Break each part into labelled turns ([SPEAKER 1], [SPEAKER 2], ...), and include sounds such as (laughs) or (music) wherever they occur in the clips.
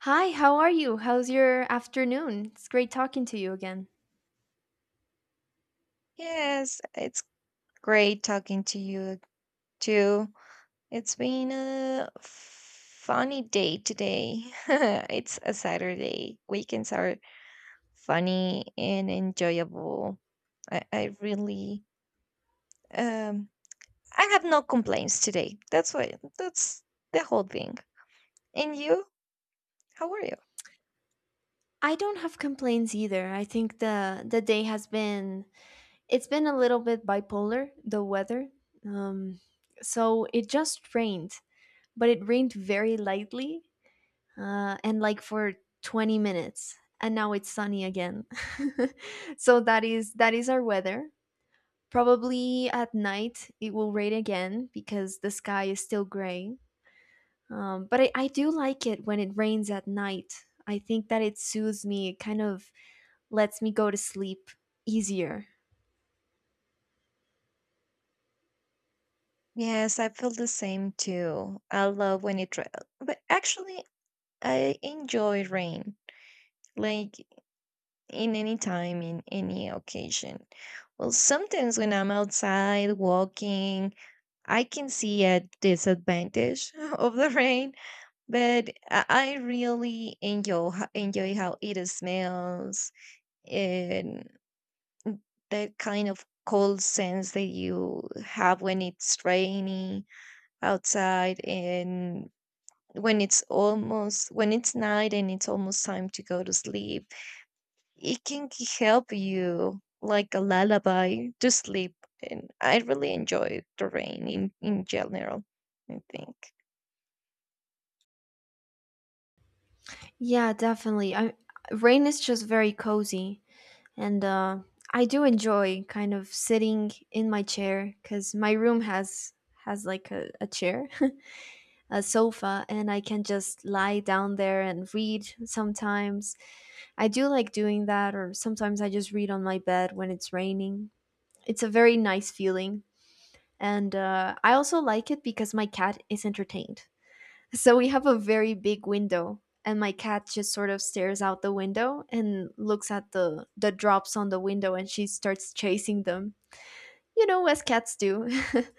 [SPEAKER 1] Hi, how are you? How's your afternoon? It's great talking to you again.
[SPEAKER 2] Yes, it's great talking to you too. It's been a funny day today. (laughs) It's a Saturday. Weekends are funny and enjoyable. I really um I have no complaints today. That's why, that's the whole thing. And you? How are you?
[SPEAKER 1] I don't have complaints either. I think the day has been it's been a little bit bipolar, the weather. Um so it just rained, but it rained very lightly and like for 20 minutes and now it's sunny again. (laughs) So that is our weather. Probably at night it will rain again because the sky is still gray. But I do like it when it rains at night. I think that it soothes me. It kind of lets me go to sleep easier.
[SPEAKER 2] Yes, I feel the same too. I love but actually I enjoy rain. Like in any time, in any occasion. Well, sometimes when I'm outside walking, I can see a disadvantage (laughs) of the rain, but I really enjoy how it smells, and that kind of cold sense that you have when it's rainy outside, and when it's night and it's almost time to go to sleep. It can help you like a lullaby to sleep. And I really enjoy the rain in general, I think.
[SPEAKER 1] Yeah, definitely. Rain is just very cozy. And I do enjoy kind of sitting in my chair because my room has like a chair, (laughs) a sofa, and I can just lie down there and read sometimes. I do like doing that, or sometimes I just read on my bed when it's raining. It's a very nice feeling. And I also like it because my cat is entertained. So we have a very big window, and my cat just sort of stares out the window and looks at the drops on the window and she starts chasing them, you know, as cats do.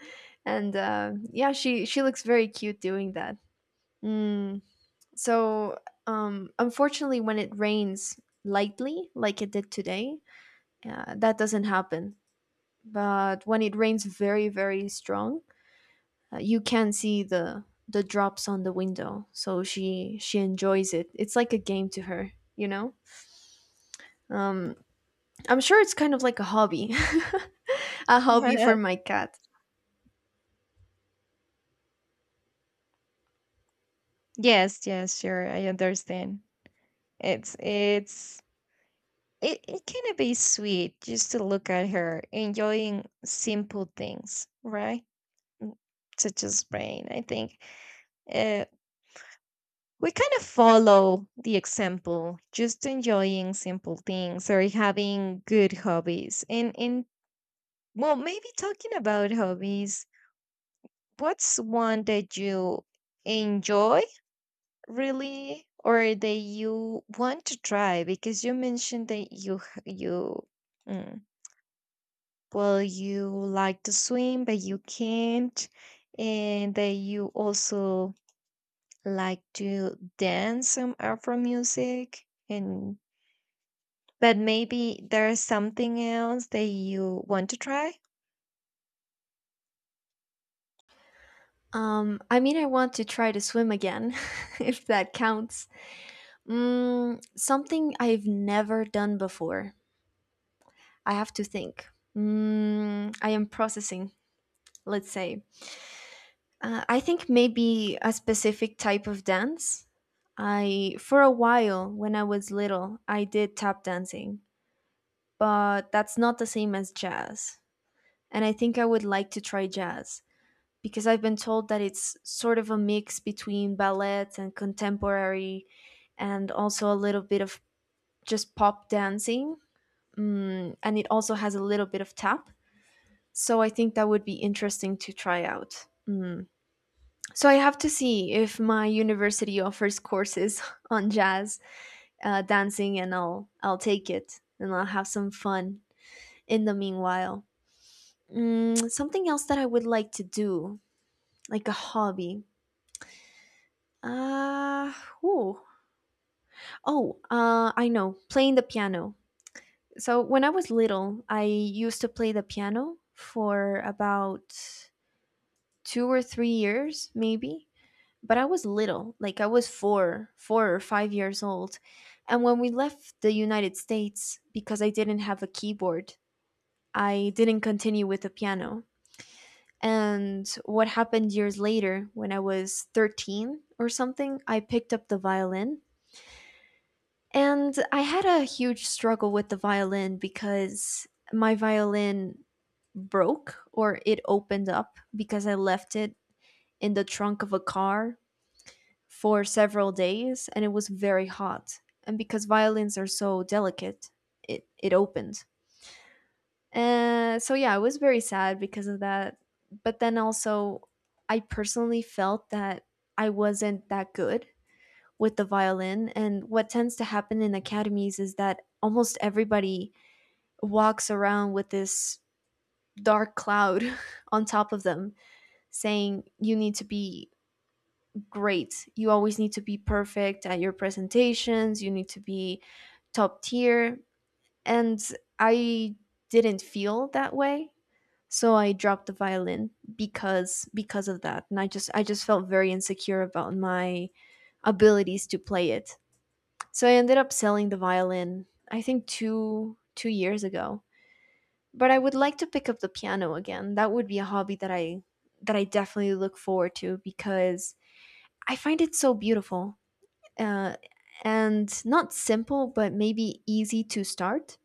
[SPEAKER 1] (laughs) And yeah, she looks very cute doing that. Mm. So unfortunately, when it rains lightly, like it did today, that doesn't happen. But when it rains very, very strong, you can see the drops on the window, so she enjoys it. It's like a game to her, you know. um I'm sure it's kind of like a hobby, (laughs) a hobby for my
[SPEAKER 2] (laughs)
[SPEAKER 1] cat.
[SPEAKER 2] Yes, yes, sure. I understand. It's it's it can be sweet just to look at her enjoying simple things, right? Such as rain. I think, uh, we kind of follow the example, just enjoying simple things or having good hobbies. And well, maybe talking about hobbies, what's one that you enjoy really, or that you want to try? Because you mentioned that you mm, well, you like to swim but you can't, and that you also like to dance some Afro music, and but maybe there's something else that you want to try.
[SPEAKER 1] I mean, I want to try to swim again (laughs) if that counts. Mm, something I've never done before. I have to think. Mm, I am processing, let's say. I think maybe a specific type of dance. I for a while when I was little, I did tap dancing, but that's not the same as jazz. And I think I would like to try jazz because I've been told that it's sort of a mix between ballet and contemporary and also a little bit of just pop dancing. Mm, and it also has a little bit of tap. So I think that would be interesting to try out. Mm. So I have to see if my university offers courses (laughs) on jazz, dancing, and I'll take it and I'll have some fun in the meanwhile. Mm, something else that I would like to do, like a hobby. Uh, ooh. Oh, I know, playing the piano. So when I was little, I used to play the piano for about two or three years, maybe, but I was little, like I was four or five years old. And when we left the United States, because I didn't have a keyboard, I didn't continue with the piano. And what happened years later, when I was 13 or something, I picked up the violin. And I had a huge struggle with the violin because my violin broke or it opened up because I left it in the trunk of a car for several days and it was very hot. And because violins are so delicate, it opened. And so, yeah, I was very sad because of that. But then also, I personally felt that I wasn't that good with the violin. And what tends to happen in academies is that almost everybody walks around with this dark cloud (laughs) on top of them saying you need to be great. You always need to be perfect at your presentations, you need to be top tier. And I didn't feel that way. So I dropped the violin because of that. And I just felt very insecure about my abilities to play it. So I ended up selling the violin I think 2 years ago. But I would like to pick up the piano again. That would be a hobby that I definitely look forward to because I find it so beautiful, uh, and not simple, but maybe easy to start.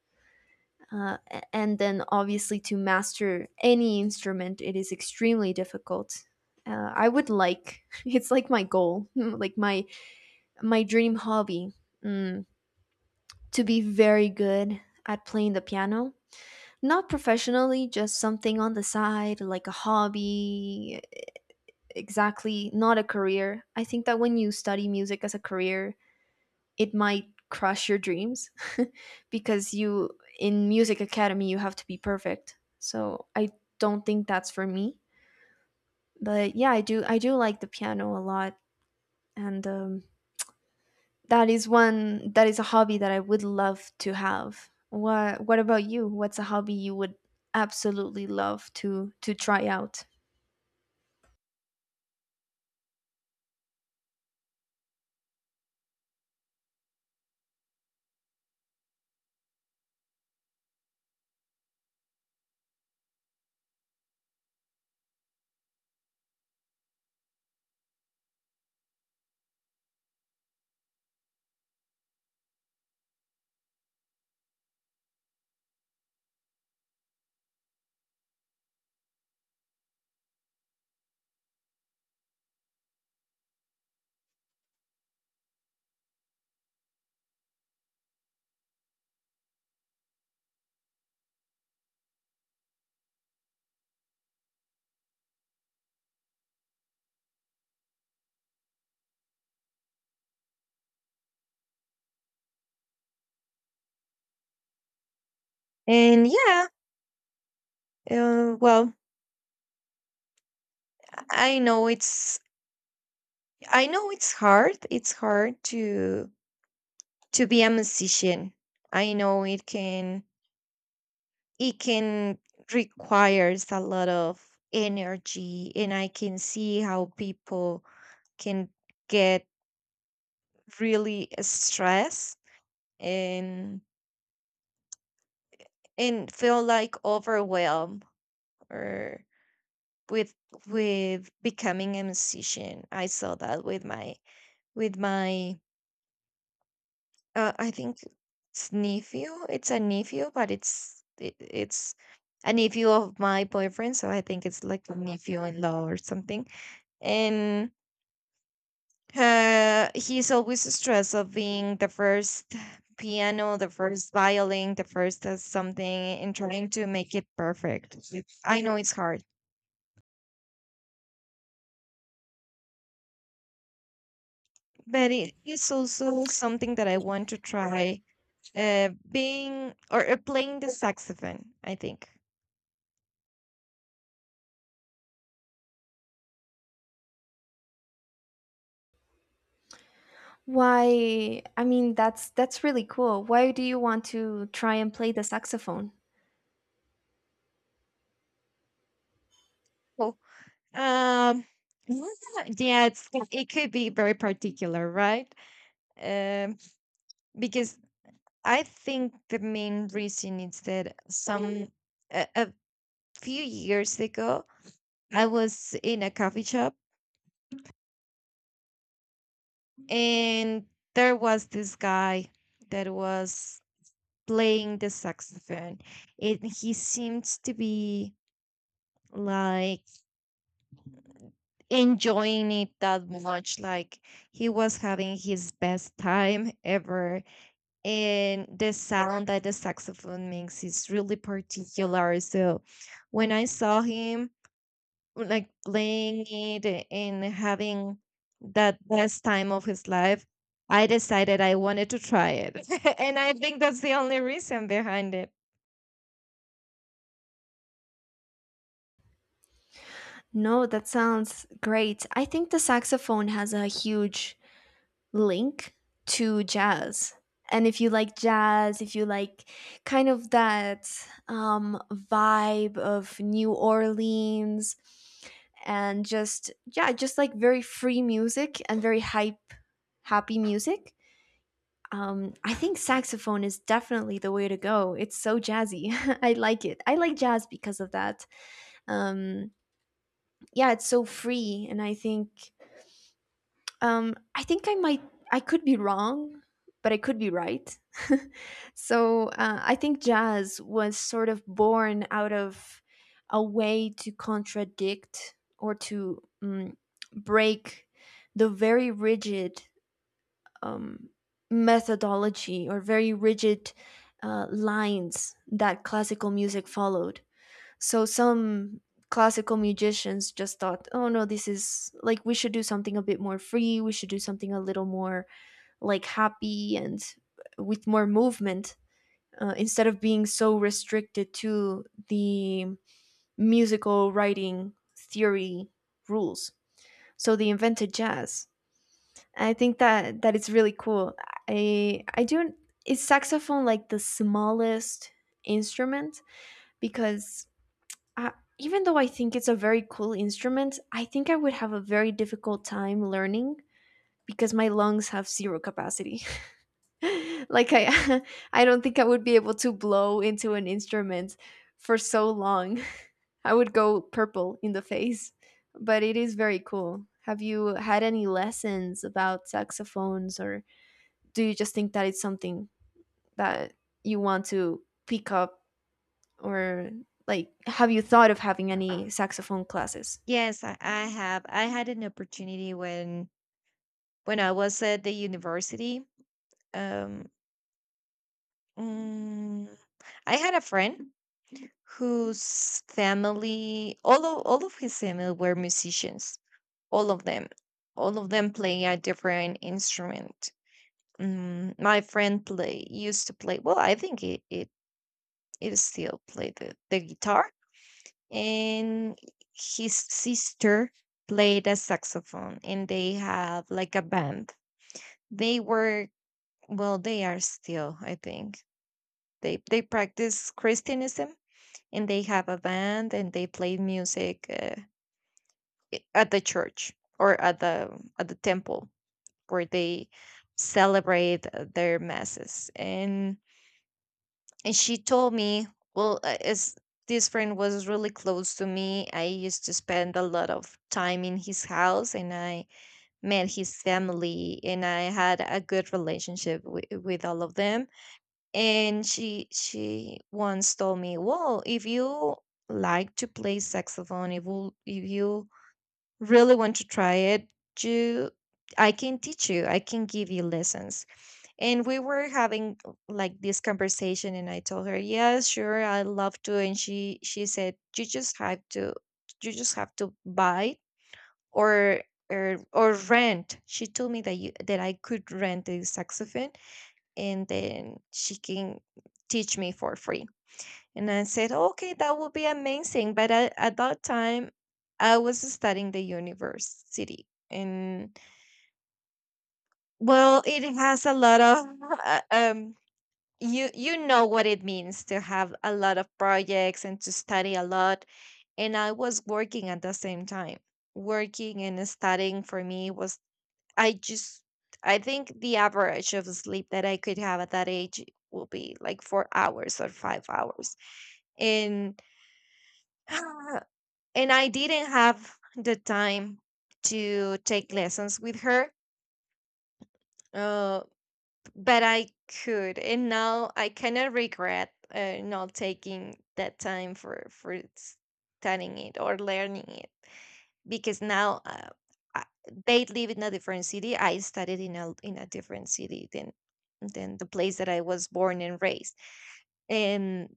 [SPEAKER 1] And then obviously to master any instrument, it is extremely difficult. I would like, (laughs) it's like my goal, (laughs) like my dream hobby, mm, to be very good at playing the piano. Not professionally, just something on the side, like a hobby, exactly, not a career. I think that when you study music as a career, it might crush your dreams (laughs) because you in music academy you have to be perfect, so I don't think that's for me. But yeah, I do like the piano a lot. And that is one that is a hobby that I would love to have. What what about you, what's a hobby you would absolutely love to try out?
[SPEAKER 2] And yeah, well, I know it's I know it's hard. It's hard to be a musician. I know it can requires a lot of energy, and I can see how people can get really stressed, and and feel like overwhelmed, or with with becoming a musician. I saw that with my, I think it's nephew. It's a nephew, but it's a nephew of my boyfriend, so I think it's like a nephew-in-law or something. And he's always stressed of being the first piano, the first violin, the first as something, and trying to make it perfect. I know it's hard, but it is also something that I want to try. Being, or playing the saxophone, I think.
[SPEAKER 1] Why, I mean, that's really cool, why do you want to try and play the saxophone?
[SPEAKER 2] Um, yeah, yeah, it could be very particular, right? Um, because I think the main reason is that a few years ago, I was in a coffee shop, and there was this guy that was playing the saxophone, and he seems to be like enjoying it that much, like he was having his best time ever. And the sound that the saxophone makes is really particular. So when I saw him like playing it and having that best time of his life, I decided I wanted to try it. (laughs) And I think that's the only reason behind it.
[SPEAKER 1] No, that sounds great. I think the saxophone has a huge link to jazz. And if you like jazz, if you like kind of that vibe of New Orleans and just, yeah, just like very free music and very hype, happy music, I think saxophone is definitely the way to go. It's so jazzy. (laughs) I like it. I like jazz because of that. Um, yeah, it's so free. And I think I think I might, I could be wrong, but I could be right. (laughs) So I think jazz was sort of born out of a way to contradict or to break the very rigid um, methodology or very rigid lines that classical music followed. So some classical musicians just thought, oh no, this is like we should do something a bit more free. We should do something a little more like happy and, with more movement, instead of being so restricted to the musical writing theory rules. So they invented jazz. I think that it's really cool. I don't, is saxophone like the smallest instrument, because uh, even though I think it's a very cool instrument, I think I would have a very difficult time learning because my lungs have zero capacity. (laughs) Like I (laughs) I don't think I would be able to blow into an instrument for so long. (laughs) I would go purple in the face. But it is very cool. Have you had any lessons about saxophones, or do you just think that it's something that you want to pick up, or like have you thought of having any saxophone classes?
[SPEAKER 2] Yes, I have. I had an opportunity when I was at the university. Um, mm, I had a friend whose family, all of his family, were musicians. All of them all of them play a different instrument. My friend play used to play, well, I think it still play the guitar, and his sister played a saxophone, and they have like a band. They were Well, they are still, I think. They practice christianism, and they have a band and they play music, at the church, or at the temple where they celebrate, their masses. And she told me, well, as this friend was really close to me, I used to spend a lot of time in his house, and I met his family, and I had a good relationship with all of them. And she once told me, well, if you like to play saxophone, if you really want to try it, you I can teach you. I can give you lessons. And we were having, like, this conversation, and I told her, "Yes, sure, I love to." And she said, "You just have to, buy, or or rent." She told me that I could rent the saxophone, and then she can teach me for free. And I said, okay, that would be amazing. But I, at that time, I was studying the university. And, well, it has a lot of, (laughs) uh, um, you know what it means to have a lot of projects and to study a lot. And I was working at the same time. Working and studying for me was, I just, I think the average of sleep that I could have at that age will be like 4 hours or 5 hours. And (sighs) and I didn't have the time to take lessons with her. Uh, but I could, and now I kind of regret, not taking that time for studying it or learning it, because now, I, they live in a different city. I studied in a different city than the place that I was born and raised, and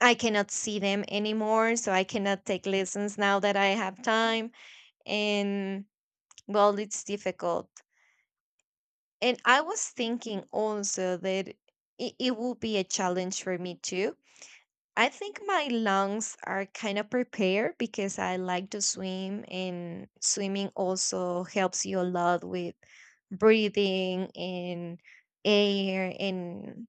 [SPEAKER 2] I cannot see them anymore. So I cannot take lessons now that I have time. And, well, it's difficult. And I was thinking also that it will be a challenge for me too. I think my lungs are kind of prepared because I like to swim, and swimming also helps you a lot with breathing and air. And,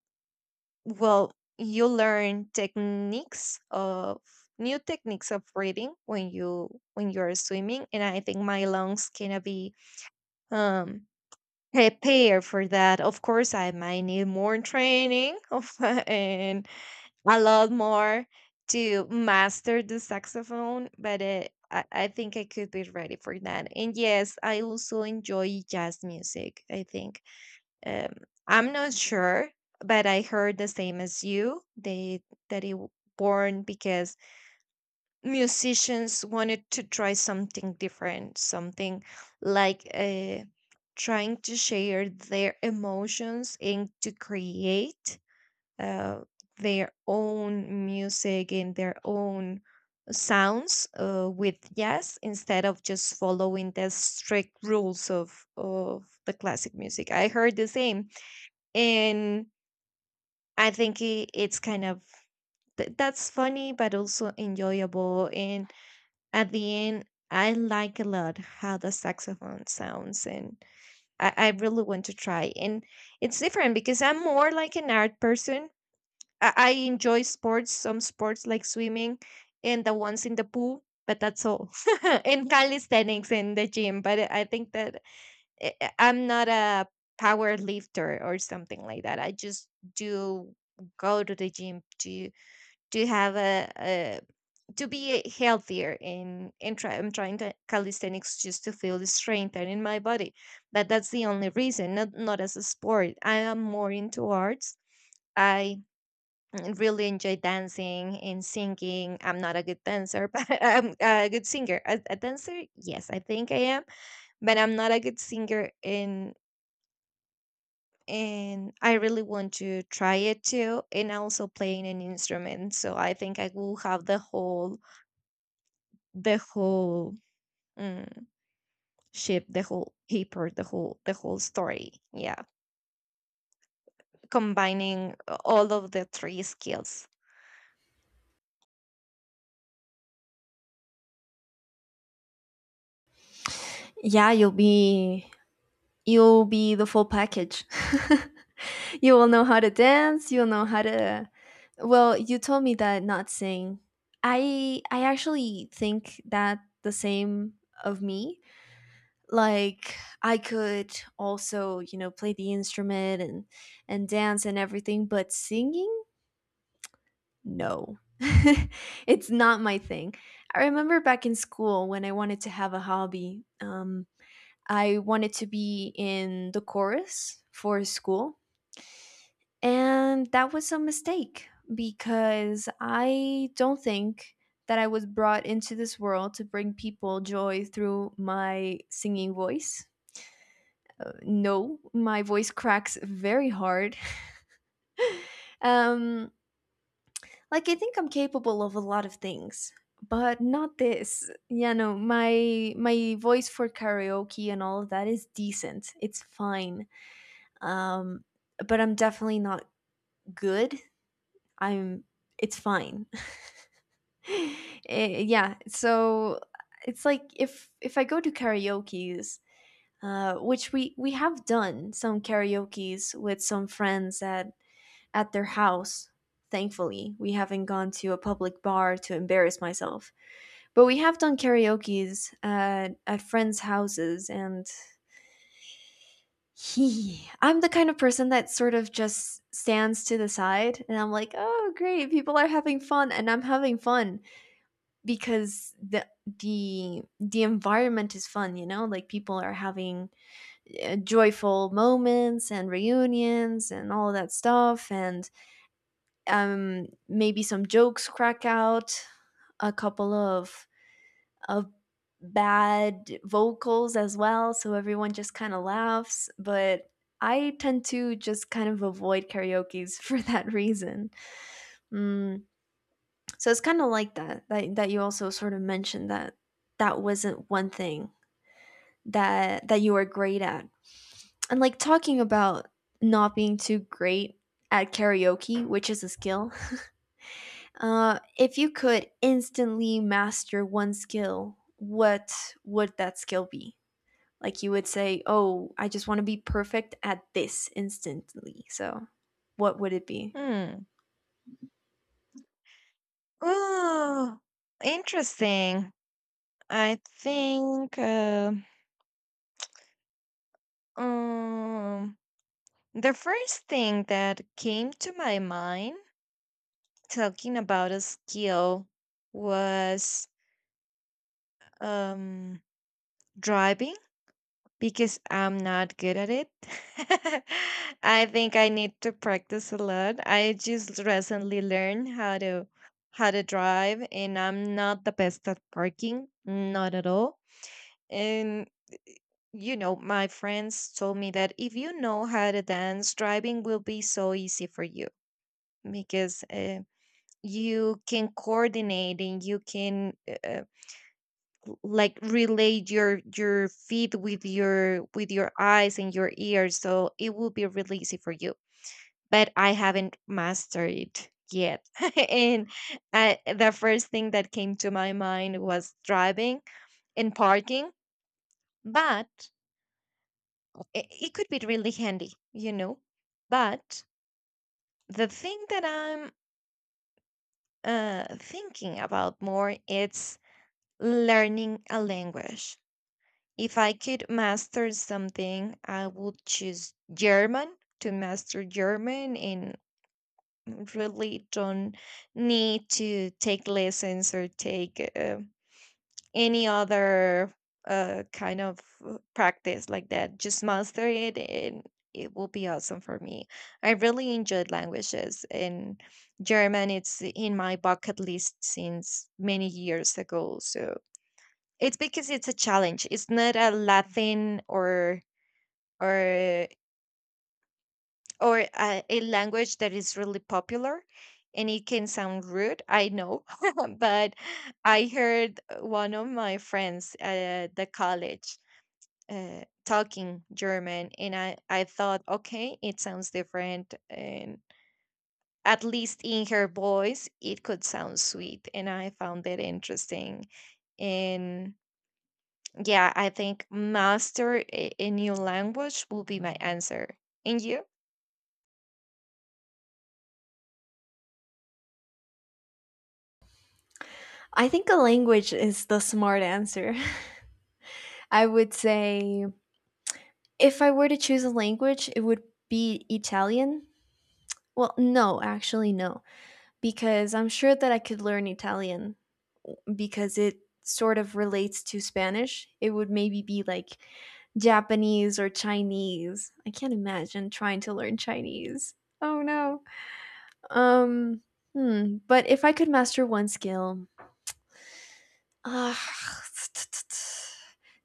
[SPEAKER 2] well, you learn techniques of new techniques of breathing when you are swimming, and I think my lungs can be um Prepare for that. Of course, I might need more training of, (laughs) and a lot more, to master the saxophone. But I think I could be ready for that. And yes, I also enjoy jazz music, I think. Um, I'm not sure, but I heard the same as you, that it born because musicians wanted to try something different, something like, trying to share their emotions and to create, uh, their own music and their own sounds, with jazz, instead of just following the strict rules of the classic music. I heard the same, and I think it's kind of that's funny, but also enjoyable. And at the end, I like a lot how the saxophone sounds, and I really want to try. And it's different because I'm more like an art person. I enjoy sports, some sports like swimming and the ones in the pool, but that's all. (laughs) And calisthenics in the gym, but I think that I'm not a power lifter or something like that. I just do go to the gym to have a to be healthier I'm trying to calisthenics, just to feel the strength and in my body. But that's the only reason, not as a sport. I am more into arts. I really enjoy dancing and singing. I'm not a good dancer, (laughs) but I'm a good singer. A dancer, yes, I think I am, but I'm not a good singer, and I really want to try it too, and also playing an instrument. So I think I will have the whole mm, shape, the whole paper, the whole story, yeah, combining all of the three skills.
[SPEAKER 1] Yeah, you'll be the full package. (laughs) You will know how to dance, you'll know how to. Well, you told me that not sing. I actually think that the same of me. Like I could also, you know, play the instrument and dance and everything, but singing? No. (laughs) It's not my thing. I remember back in school when I wanted to have a hobby. I wanted to be in the chorus for school. And that was a mistake because I don't think that I was brought into this world to bring people joy through my singing voice. No, my voice cracks very hard. (laughs) Um, like, I think I'm capable of a lot of things but not this, you know, my voice for karaoke and all of that is decent, it's fine. um, but I'm definitely not good. I'm, it's fine. (laughs) Eh, yeah, so it's like if I go to karaoke's, which we have done some karaoke's with some friends at their house. Thankfully, we haven't gone to a public bar to embarrass myself. But we have done karaoke's at friends' houses, and he, I'm the kind of person that sort of just stands to the side and I'm like, "Oh, great. People are having fun and I'm having fun because the environment is fun, you know? Like people are having joyful moments and reunions and all of that stuff. And maybe some jokes crack out, a couple of of bad vocals as well, so everyone just kind of laughs. But I tend to just kind of avoid karaoke's (laughs) for that reason. Mm, so it's kind of like that, that you also sort of mentioned that wasn't one thing that you were great at. And like talking about not being too great at karaoke, which is a skill. If you could instantly master one skill, what would that skill be? Like you would say, "Oh, I just want to be perfect at this instantly." So, what would it be?
[SPEAKER 2] Hmm. Oh, interesting. I think, um the first thing that came to my mind talking about a skill was, um driving, because I'm not good at it. (laughs) I think I need to practice a lot. I just recently learned how to drive, and I'm not the best at parking, not at all. And, my friends told me that if you know how to dance, driving will be so easy for you, because, you can coordinate, and you can, uh, like, relate your feet with your eyes and your ears, so it will be really easy for you, but I haven't mastered it yet. (laughs) And the first thing that came to my mind was driving and parking, but it could be really handy. But the thing that I'm, thinking about more, it's learning a language. If I could master something, I would choose German, to master German, and really don't need to take lessons, or take, any other, kind of, practice like that. Just master it, and it will be awesome for me. I really enjoyed languages, and German, it's in my bucket list since many years ago. So it's because it's a challenge. It's not a Latin, or or a language that is really popular, and it can sound rude, I know. (laughs) But I heard one of my friends at the college, talking German, and I thought, okay, it sounds different, and at least in her voice, it could sound sweet, and I found it interesting. And yeah, I think master a new language will be my answer. And you?
[SPEAKER 1] I think a language is the smart answer. (laughs) I would say if I were to choose a language, it would be Italian. Well, no, actually no, because I'm sure that I could learn Italian because it sort of relates to Spanish. It would maybe be like Japanese or Chinese. I can't imagine trying to learn Chinese. Oh no. Um, but if I could master one skill, ah, (tsk)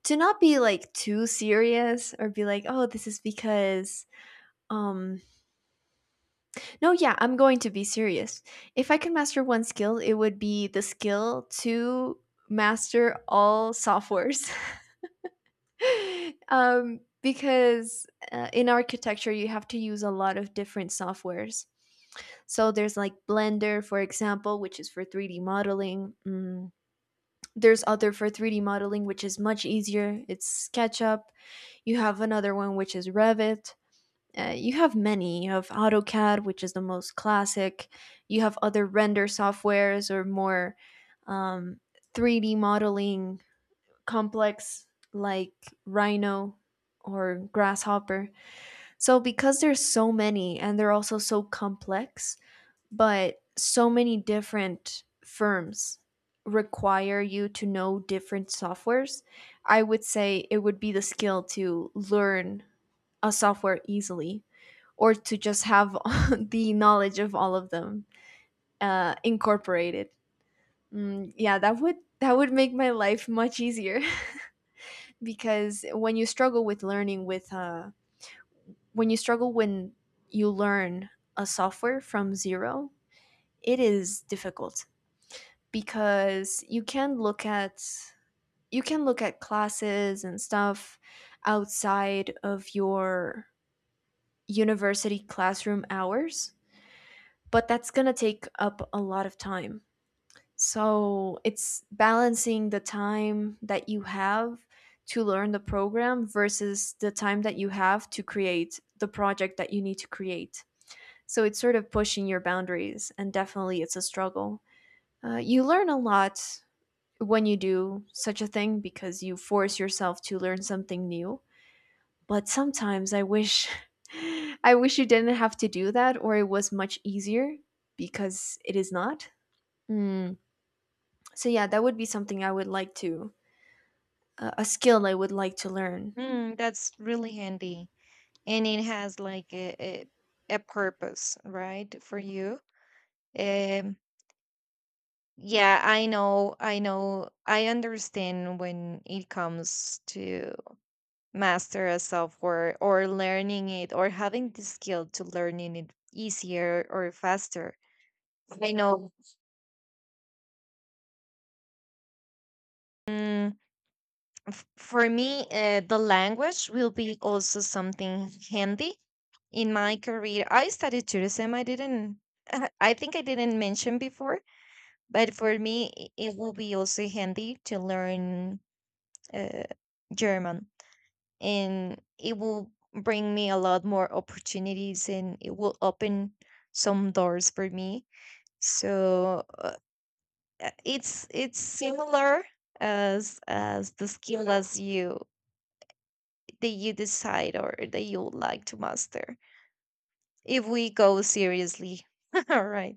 [SPEAKER 1] to not be like too serious or be like, oh, this is because um no, I'm going to be serious. If I could master one skill, it would be the skill to master all softwares. (laughs) Because in architecture you have to use a lot of different softwares. So there's like Blender, for example, which is for 3D modeling. There's other for 3D modeling, which is much easier. It's SketchUp. You have another one, which is Revit. You have many. You have AutoCAD, which is the most classic. You have other render softwares or more um, 3D modeling complex, like rhino or grasshopper. So because there's so many and they're also so complex, but so many different firms require you to know different softwares, I would say it would be the skill to learn a software easily, or to just have (laughs) the knowledge of all of them, incorporated. Mm, yeah, that would make my life much easier, because when you struggle when you learn a software from zero, it is difficult. Because you can look at classes and stuff outside of your university classroom hours, but that's going to take up a lot of time. So it's balancing the time that you have to learn the program versus the time that you have to create the project that you need to create. So it's sort of pushing your boundaries, and definitely it's a struggle. You learn a lot when you do such a thing because you force yourself to learn something new. But sometimes I wish. (laughs) I wish you didn't have to do that, or it was much easier, because it is not. Mm, so yeah, that would be something I would like to, a skill I would like to learn.
[SPEAKER 2] Mm. That's really handy. And it has like a purpose, right, for you. Um, yeah, I know, I understand when it comes to master a software, or learning it, or having the skill to learning it easier or faster. I know. Mm, For me, the language will be also something handy in my career. I studied tourism. I didn't, (laughs) I think I didn't mention before, but for me, it will be also handy to learn, uh, German, and it will bring me a lot more opportunities, and it will open some doors for me. So, it's similar as the skill as you, that you decide or that you would like to master, if we go seriously. (laughs) All right.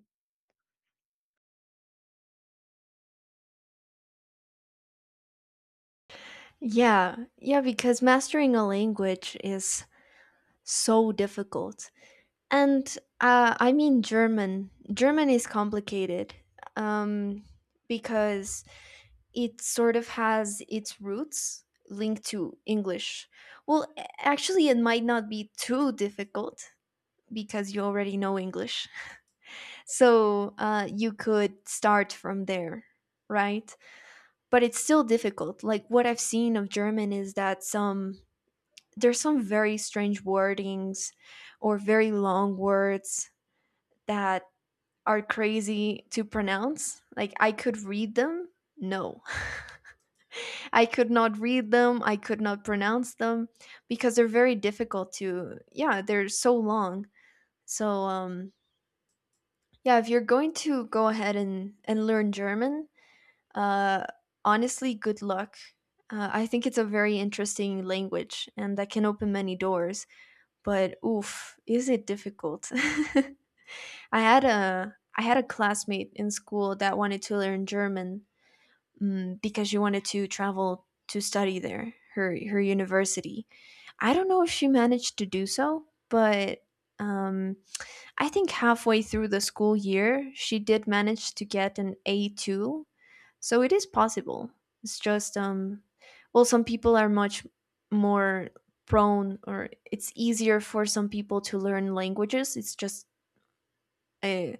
[SPEAKER 1] Yeah, yeah, because mastering a language is so difficult. And I mean, German is complicated, um, because it sort of has its roots linked to English. Well, actually it might not be too difficult because you already know English. (laughs) So you could start from there, right? But it's still difficult. Like what I've seen of German is that some there's some very strange wordings or very long words that are crazy to pronounce. Like I could read them. No. (laughs) I could not read them. I could not pronounce them because they're very difficult to, yeah, they're so long. So yeah, if you're going to go ahead and learn German, Uh, honestly, good luck. I think it's a very interesting language and that can open many doors, but oof, is it difficult? (laughs) I had a classmate in school that wanted to learn German, mm, because she wanted to travel to study there, her university. I don't know if she managed to do so, but um, I think halfway through the school year, she did manage to get an A2. So it is possible. It's just, well, some people are much more prone, or it's easier for some people to learn languages. Uh,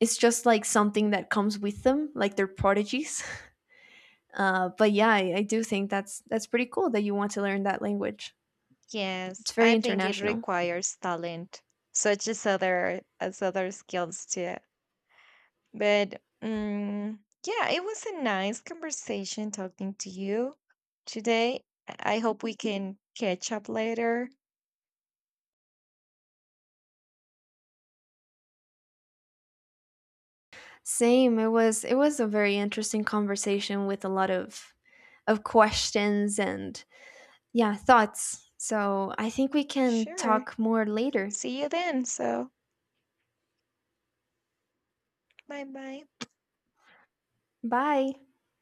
[SPEAKER 1] it's just like something that comes with them, like they're prodigies. (laughs) But yeah, I do think that's pretty cool that you want to learn that language.
[SPEAKER 2] Yes,
[SPEAKER 1] It's very
[SPEAKER 2] I think it
[SPEAKER 1] international.
[SPEAKER 2] requires talent, such as other skills too. But, yeah, it was a nice conversation talking to you today. I hope we can catch up later.
[SPEAKER 1] Same. It was a very interesting conversation with a lot of questions and, yeah, thoughts. So I think we can
[SPEAKER 2] Sure.
[SPEAKER 1] talk more later.
[SPEAKER 2] See you then. So, bye bye.
[SPEAKER 1] Bye.